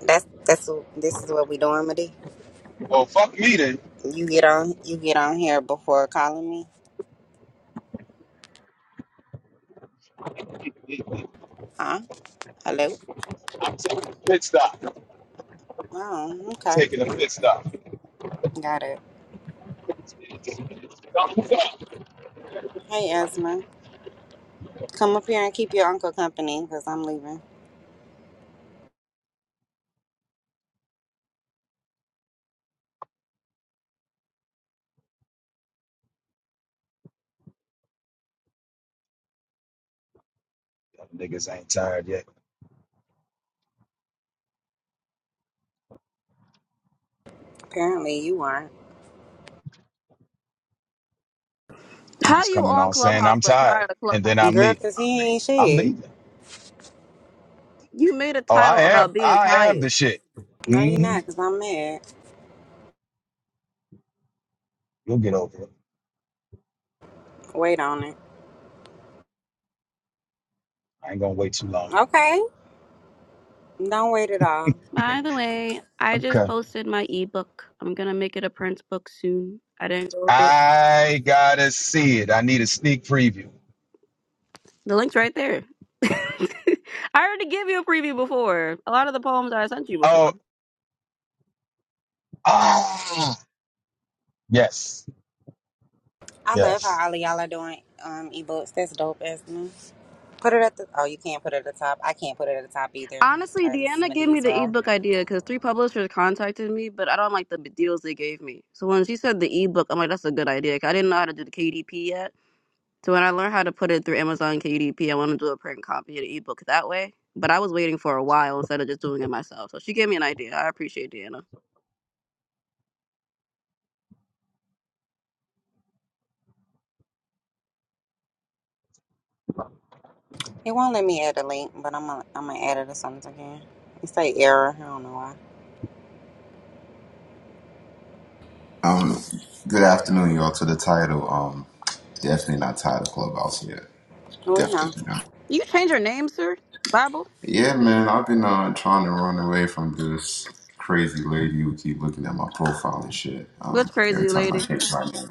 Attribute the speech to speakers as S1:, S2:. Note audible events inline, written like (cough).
S1: That's that's what- this is what we doing, Madi.
S2: Well, fuck me then.
S1: You get on you get on here before calling me,
S2: I'm
S1: huh? Hello.
S2: taking a pit stop. I'm
S1: Oh, okay,
S2: taking a pit stop.
S1: got it. Hey, Asma, come up here and keep your uncle company because I'm leaving.
S2: Niggas ain't tired yet.
S1: Apparently, you aren't,
S2: I'm
S3: How
S2: just
S3: you
S2: coming
S3: on
S2: on saying
S3: Clubhouse
S2: I'm
S3: but
S2: tired,
S3: tired of
S2: and then I'm
S3: Clubhouse?
S1: girl,
S2: leaving.
S1: because he ain't
S2: I'm
S1: shit.
S2: leaving.
S3: You made a
S2: Oh, I
S3: title
S2: am.
S3: about being
S2: I am
S3: tired.
S2: the shit.
S1: No, you're
S2: hmm
S1: not, because I'm mad.
S2: You'll get over it.
S1: Wait on it.
S2: I ain't gonna wait too long.
S1: Okay, don't wait at all.
S3: By the
S2: (laughs)
S3: way, I just
S2: okay.
S3: posted my ebook. I'm gonna make it a print book soon. I didn't go through
S2: I gotta see it. I need a sneak preview.
S3: the link's right there. (laughs) I already gave you a preview before. A lot of the poems I sent you
S2: Oh,
S3: before.
S2: ah, yes,
S1: I love
S2: yes.
S1: how all of y'all are doing um ebooks. That's dope, Asma. Put it at the oh, you can't put it at the top. I can't put it at the top either.
S3: Honestly,
S1: Sorry, this is
S3: Deanna gave me
S1: Madi's
S3: the
S1: room.
S3: ebook idea because three publishers contacted me, but I don't like the deals they gave me. So when she said the ebook, I'm like, that's a good idea. 'cause I didn't know how to do the KDP yet. So when I learned how to put it through Amazon KDP, I want to do a print copy and ebook that way. But I was waiting for a while instead of just doing it myself. So she gave me an idea. I appreciate Deanna.
S1: It won't let me add a link, but I'm gonna I'm gonna add it as or something again. It say error. I don't know why.
S4: Um, good afternoon, y'all. To the title, um, definitely not tired of Clubhouse yet.
S1: We know.
S4: Definitely not.
S3: You change your name, sir? Bible?
S4: Yeah, man, I've been uh, trying to run away from this crazy lady who keep looking at my profile and shit.
S3: That's
S4: Um, every
S3: crazy,
S4: time I
S3: lady?
S4: change my name.